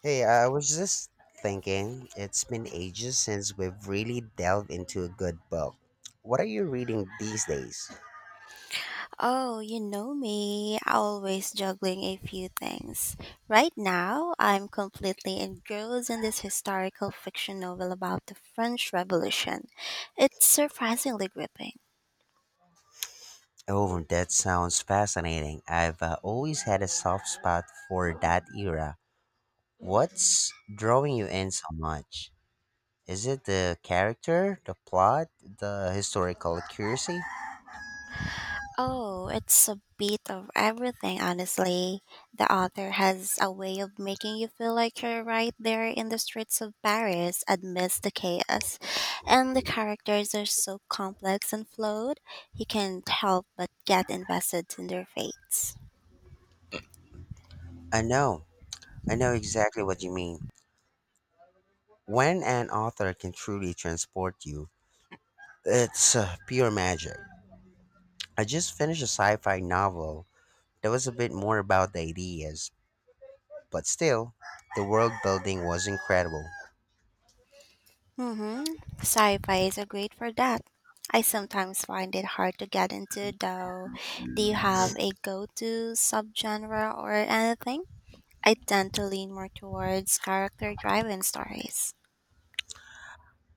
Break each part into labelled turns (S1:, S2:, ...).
S1: Hey, I was just thinking, it's been ages since we've really delved into a good book. What are you reading these days?
S2: Oh, you know me, always juggling a few things. Right now, I'm completely engrossed in this historical fiction novel about the French Revolution. It's surprisingly gripping.
S1: Oh, that sounds fascinating. I've always had a soft spot for that era. What's drawing you in so much? Is it the character, the plot, the historical accuracy?
S2: Oh, it's a bit of everything, honestly. The author has a way of making you feel like you're right there in the streets of Paris amidst the chaos. And the characters are so complex and flawed, you can't help but get invested in their fates.
S1: I know. I know exactly what you mean. When an author can truly transport you, it's pure magic. I just finished a sci fi novel that was a bit more about the ideas, but still, the world building was incredible.
S2: Mm-hmm. Sci-fi is a great for that. I sometimes find it hard to get into, though. Do you have a go-to subgenre or anything? I tend to lean more towards character-driven stories.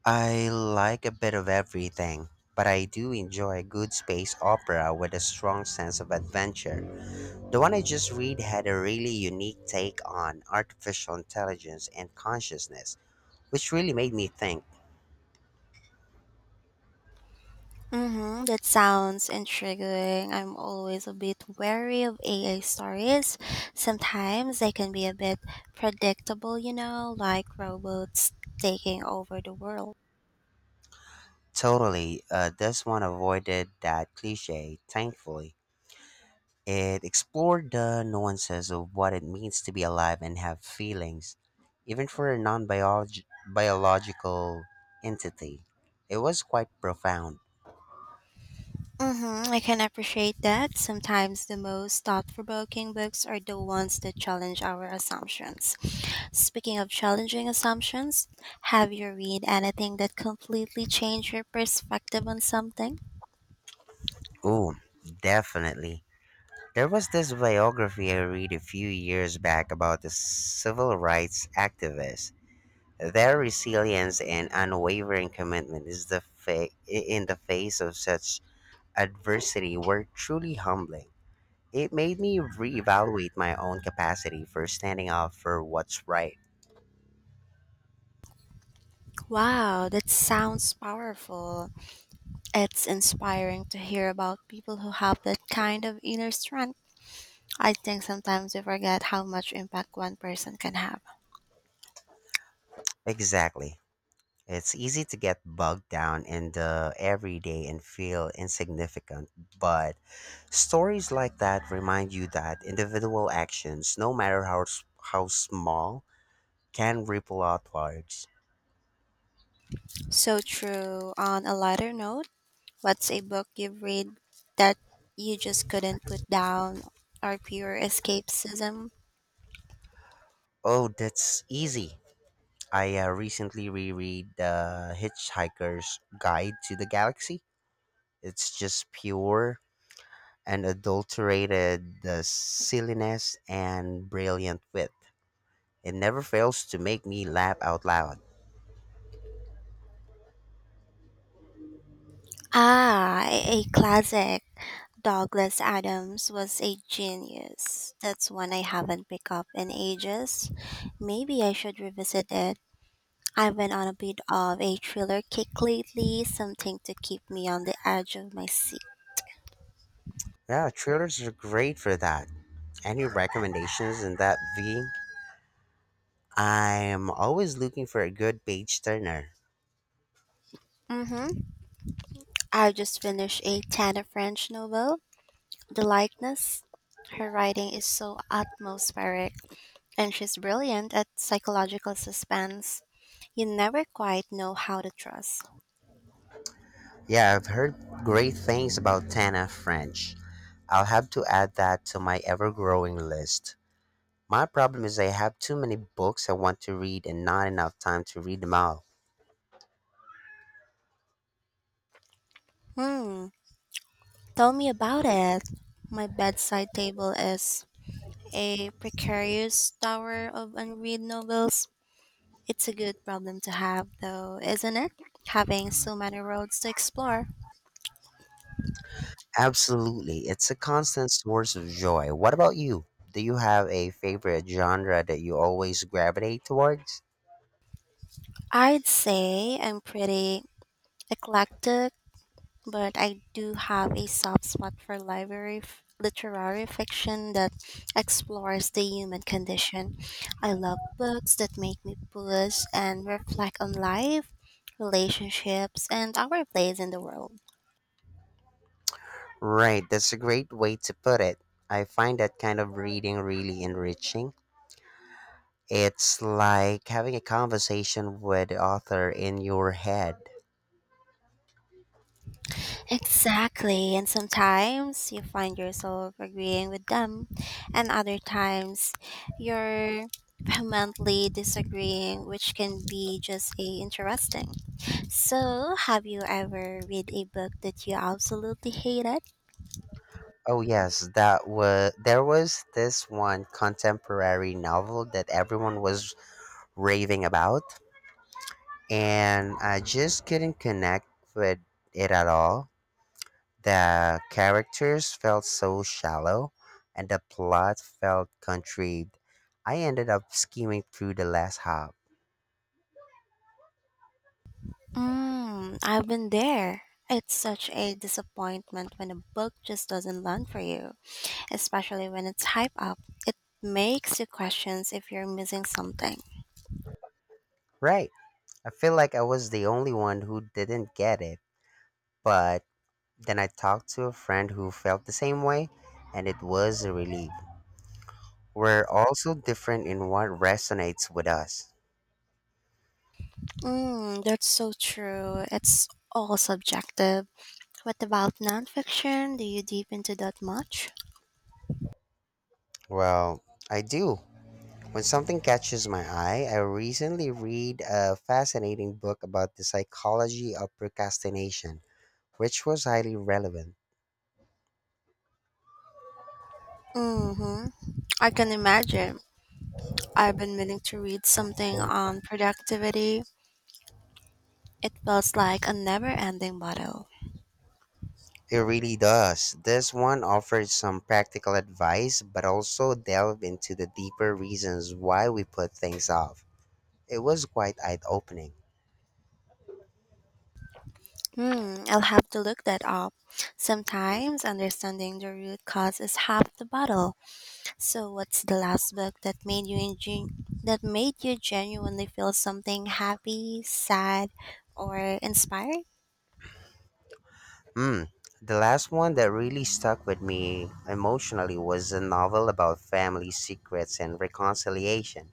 S1: I like a bit of everything, but I do enjoy a good space opera with a strong sense of adventure. The one I just read had a really unique take on artificial intelligence and consciousness, which really made me think.
S2: Mm-hmm. That sounds intriguing. I'm always a bit wary of AA stories. Sometimes they can be a bit predictable, you know, like robots taking over the world.
S1: Totally, this one avoided that cliche, thankfully. It explored the nuances of what it means to be alive and have feelings, even for a non biological entity. It was quite profound.
S2: Mm-hmm, I can appreciate that. Sometimes the most thought provoking books are the ones that challenge our assumptions. Speaking of challenging assumptions, have you read anything that completely changed your perspective on something?
S1: Ooh, definitely. There was this biography I read a few years back about the civil rights activists. Their resilience and unwavering commitment in the face of such adversity were truly humbling. It made me reevaluate my own capacity for standing up for what's right.
S2: Wow, that sounds powerful. It's inspiring to hear about people who have that kind of inner strength. I think sometimes we forget how much impact one person can have.
S1: Exactly. It's easy to get bogged down in the everyday and feel insignificant, but stories like that remind you that individual actions, no matter how small, can ripple outwards.
S2: So true. On a lighter note, what's a book you've read that you just couldn't put down or pure escapism?
S1: Oh, that's easy. I recently reread The Hitchhiker's Guide to the Galaxy. It's just pure and adulterated the silliness and brilliant wit. It never fails to make me laugh out loud.
S2: Ah, a classic. Douglas Adams was a genius. That's one I haven't picked up in ages. Maybe I should revisit it. I've been on a bit of a thriller kick lately, something to keep me on the edge of my seat.
S1: Yeah, thrillers are great for that. Any recommendations in that V? I'm always looking for a good page turner.
S2: Mm-hmm. I just finished a Tana French novel, The Likeness. Her writing is so atmospheric, and she's brilliant at psychological suspense. You never quite know how to trust.
S1: Yeah, I've heard great things about Tana French. I'll have to add that to my ever growing list. My problem is I have too many books I want to read and not enough time to read them all.
S2: Hmm, tell me about it. My bedside table is a precarious tower of unread novels. It's a good problem to have, though, isn't it? Having so many roads to explore.
S1: Absolutely. It's a constant source of joy. What about you? Do you have a favorite genre that you always gravitate towards?
S2: I'd say I'm pretty eclectic, but I do have a soft spot for literary fiction that explores the human condition. I love books that make me pause and reflect on life, relationships, and our place in the world.
S1: Right, that's a great way to put it. I find that kind of reading really enriching. It's like having a conversation with the author in your head.
S2: Exactly. And sometimes you find yourself agreeing with them, and other times you're vehemently disagreeing, which can be just a interesting. So, have you ever read a book that you absolutely hated?
S1: Oh yes, that was there was this one contemporary novel that everyone was raving about, and I just couldn't connect with it at all. The characters felt so shallow, and the plot felt contrived. I ended up skimming through the last half.
S2: Mm, I've been there. It's such a disappointment when a book just doesn't land for you, especially when it's hype up. It makes you questions if you're missing something.
S1: Right. I feel like I was the only one who didn't get it, but then I talked to a friend who felt the same way, and it was a relief. We're also different in what resonates with us.
S2: Mm, that's so true. It's all subjective. What about nonfiction? Do you deep into that much?
S1: Well, I do. When something catches my eye, I recently read a fascinating book about the psychology of procrastination, which was highly relevant.
S2: Mm-hmm. I can imagine. I've been meaning to read something on productivity. It feels like a never ending battle.
S1: It really does. This one offers some practical advice, but also delved into the deeper reasons why we put things off. It was quite eye opening.
S2: Hmm, I'll have to look that up. Sometimes understanding the root cause is half the battle. So, what's the last book that made you that made you genuinely feel something, happy, sad, or inspired?
S1: Hmm. The last one that really stuck with me emotionally was a novel about family secrets and reconciliation.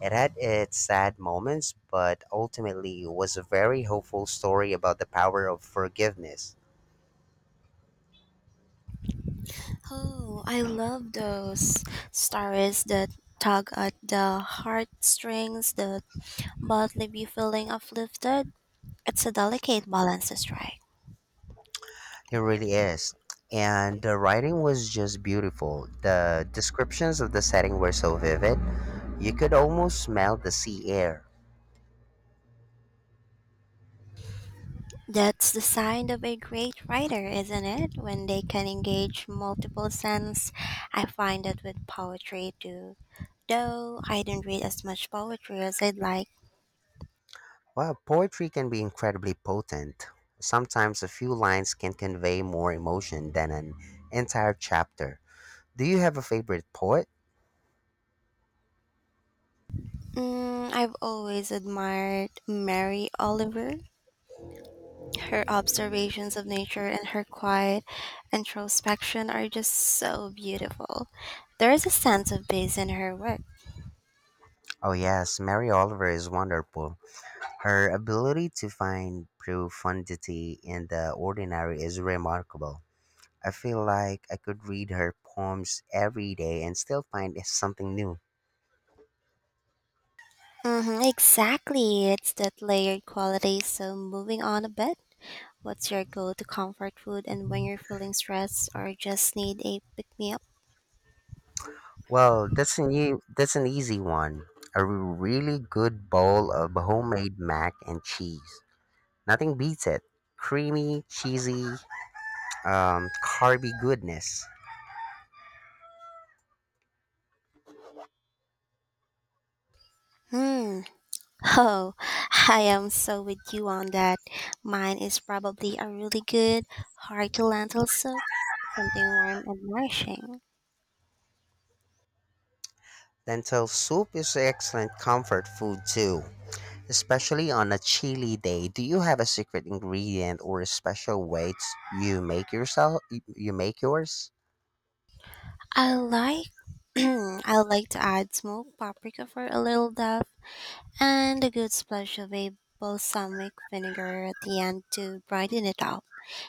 S1: It had its sad moments, but ultimately was a very hopeful story about the power of forgiveness.
S2: Oh, I love those stories that tug at the heartstrings that but leave you feeling uplifted. It's a delicate balance to strike.
S1: It really is. And the writing was just beautiful. The descriptions of the setting were so vivid, you could almost smell the sea air.
S2: That's the sign of a great writer, isn't it? When they can engage multiple senses. I find that with poetry too. Though I don't read as much poetry as I'd like.
S1: While poetry can be incredibly potent, sometimes a few lines can convey more emotion than an entire chapter. Do you have a favorite poet?
S2: Mm, I've always admired Mary Oliver. Her observations of nature and her quiet introspection are just so beautiful. There is a sense of peace in her work.
S1: Oh, yes, Mary Oliver is wonderful. Her ability to find profundity in the ordinary is remarkable. I feel like I could read her poems every day and still find something new.
S2: Mm-hmm, exactly. It's that layered quality. So moving on a bit. What's your go-to comfort food and when you're feeling stressed or just need a pick-me-up?
S1: Well, that's an easy one. A really good bowl of homemade mac and cheese. Nothing beats it. Creamy, cheesy, carby goodness.
S2: Hmm. Oh, I am so with you on that. Mine is probably a really good hearty lentil soup, something warm and nourishing.
S1: Lentil soup is excellent comfort food too, especially on a chilly day. Do you have a secret ingredient or a special you make yourself? You make yours?
S2: I like I like to add smoked paprika for a little depth and a good splash of a balsamic vinegar at the end to brighten it up.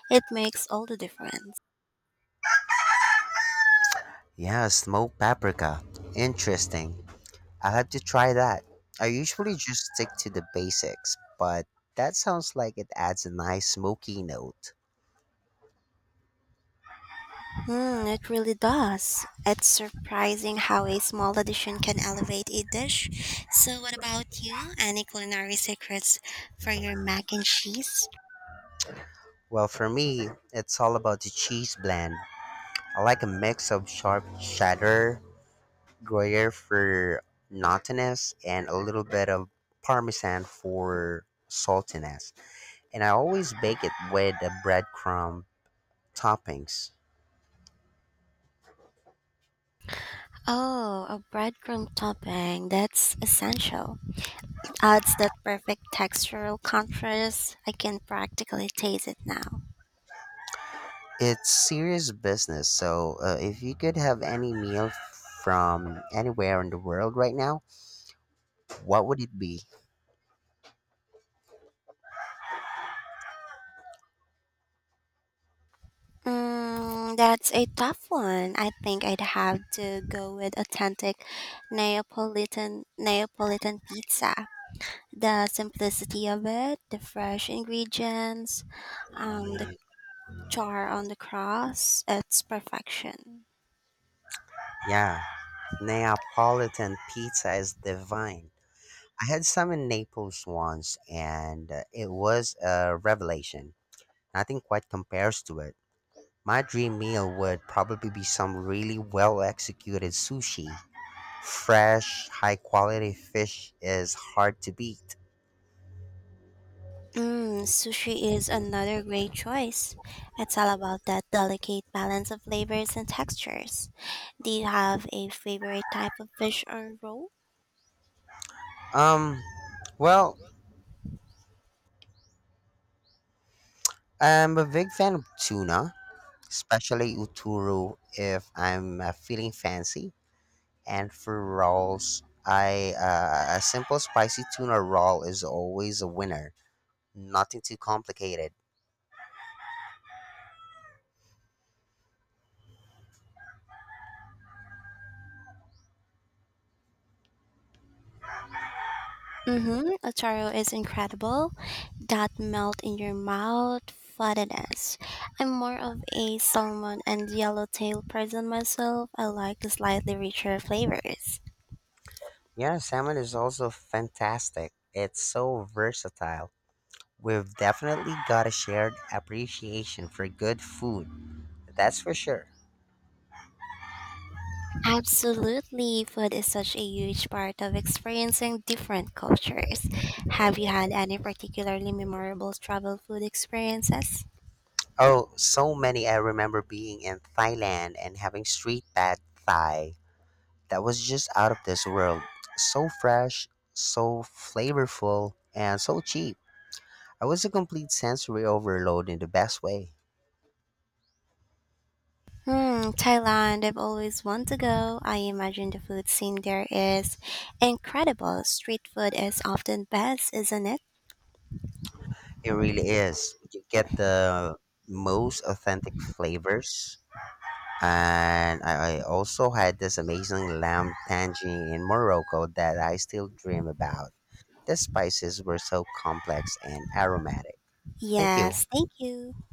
S2: It makes all the difference.
S1: Yeah, smoked paprika. Interesting. I'll have to try that. I usually just stick to the basics, but that sounds like it adds a nice smoky note.
S2: Mm, it really does. It's surprising how a small addition can elevate a dish. So, what about you? Any culinary secrets for your mac and cheese?
S1: Well, for me, it's all about the cheese blend. I like a mix of sharp cheddar, Gruyere for nuttiness, and a little bit of Parmesan for saltiness. And I always bake it with a breadcrumb toppings.
S2: Oh, a breadcrumb topping. That's essential. It adds that perfect textural contrast. I can practically taste it now.
S1: It's serious business. So, if you could have any meal from anywhere in the world right now, what would it be?
S2: Mm, that's a tough one. I think I'd have to go with authentic Neapolitan pizza. The simplicity of it, the fresh ingredients, the char on the cross, it's perfection.
S1: Yeah, Neapolitan pizza is divine. I had some in Naples once, and it was a revelation. Nothing quite compares to it. My dream meal would probably be some really well executed sushi. Fresh, high quality fish is hard to beat.
S2: Mm, sushi is another great choice. It's all about that delicate balance of flavors and textures. Do you have a favorite type of fish or roll?
S1: Um, well, I'm a big fan of tuna, especially uturo if I'm feeling fancy. And for rolls, I a simple spicy tuna roll is always a winner. Nothing too complicated.
S2: Mm-hmm. Ocharu is incredible. That melt in your mouth fattiness. I'm more of a salmon and yellowtail person myself. I like the slightly richer flavors.
S1: Yeah, salmon is also fantastic. It's so versatile. We've definitely got a shared appreciation for good food. That's for sure.
S2: Absolutely, food is such a huge part of experiencing different cultures. Have you had any particularly memorable travel food experiences?
S1: Oh, so many. I remember being in Thailand and having street pad Thai that was just out of this world. So fresh, so flavorful, and so cheap. It was a complete sensory overload in the best way.
S2: Hmm, Thailand, I've always wanted to go. I imagine the food scene there is incredible. Street food is often best, isn't it?
S1: It really is. You get the most authentic flavors. And I also had this amazing lamb tangine in Morocco that I still dream about. The spices were so complex and aromatic. Thank you.
S2: Yes, thank you.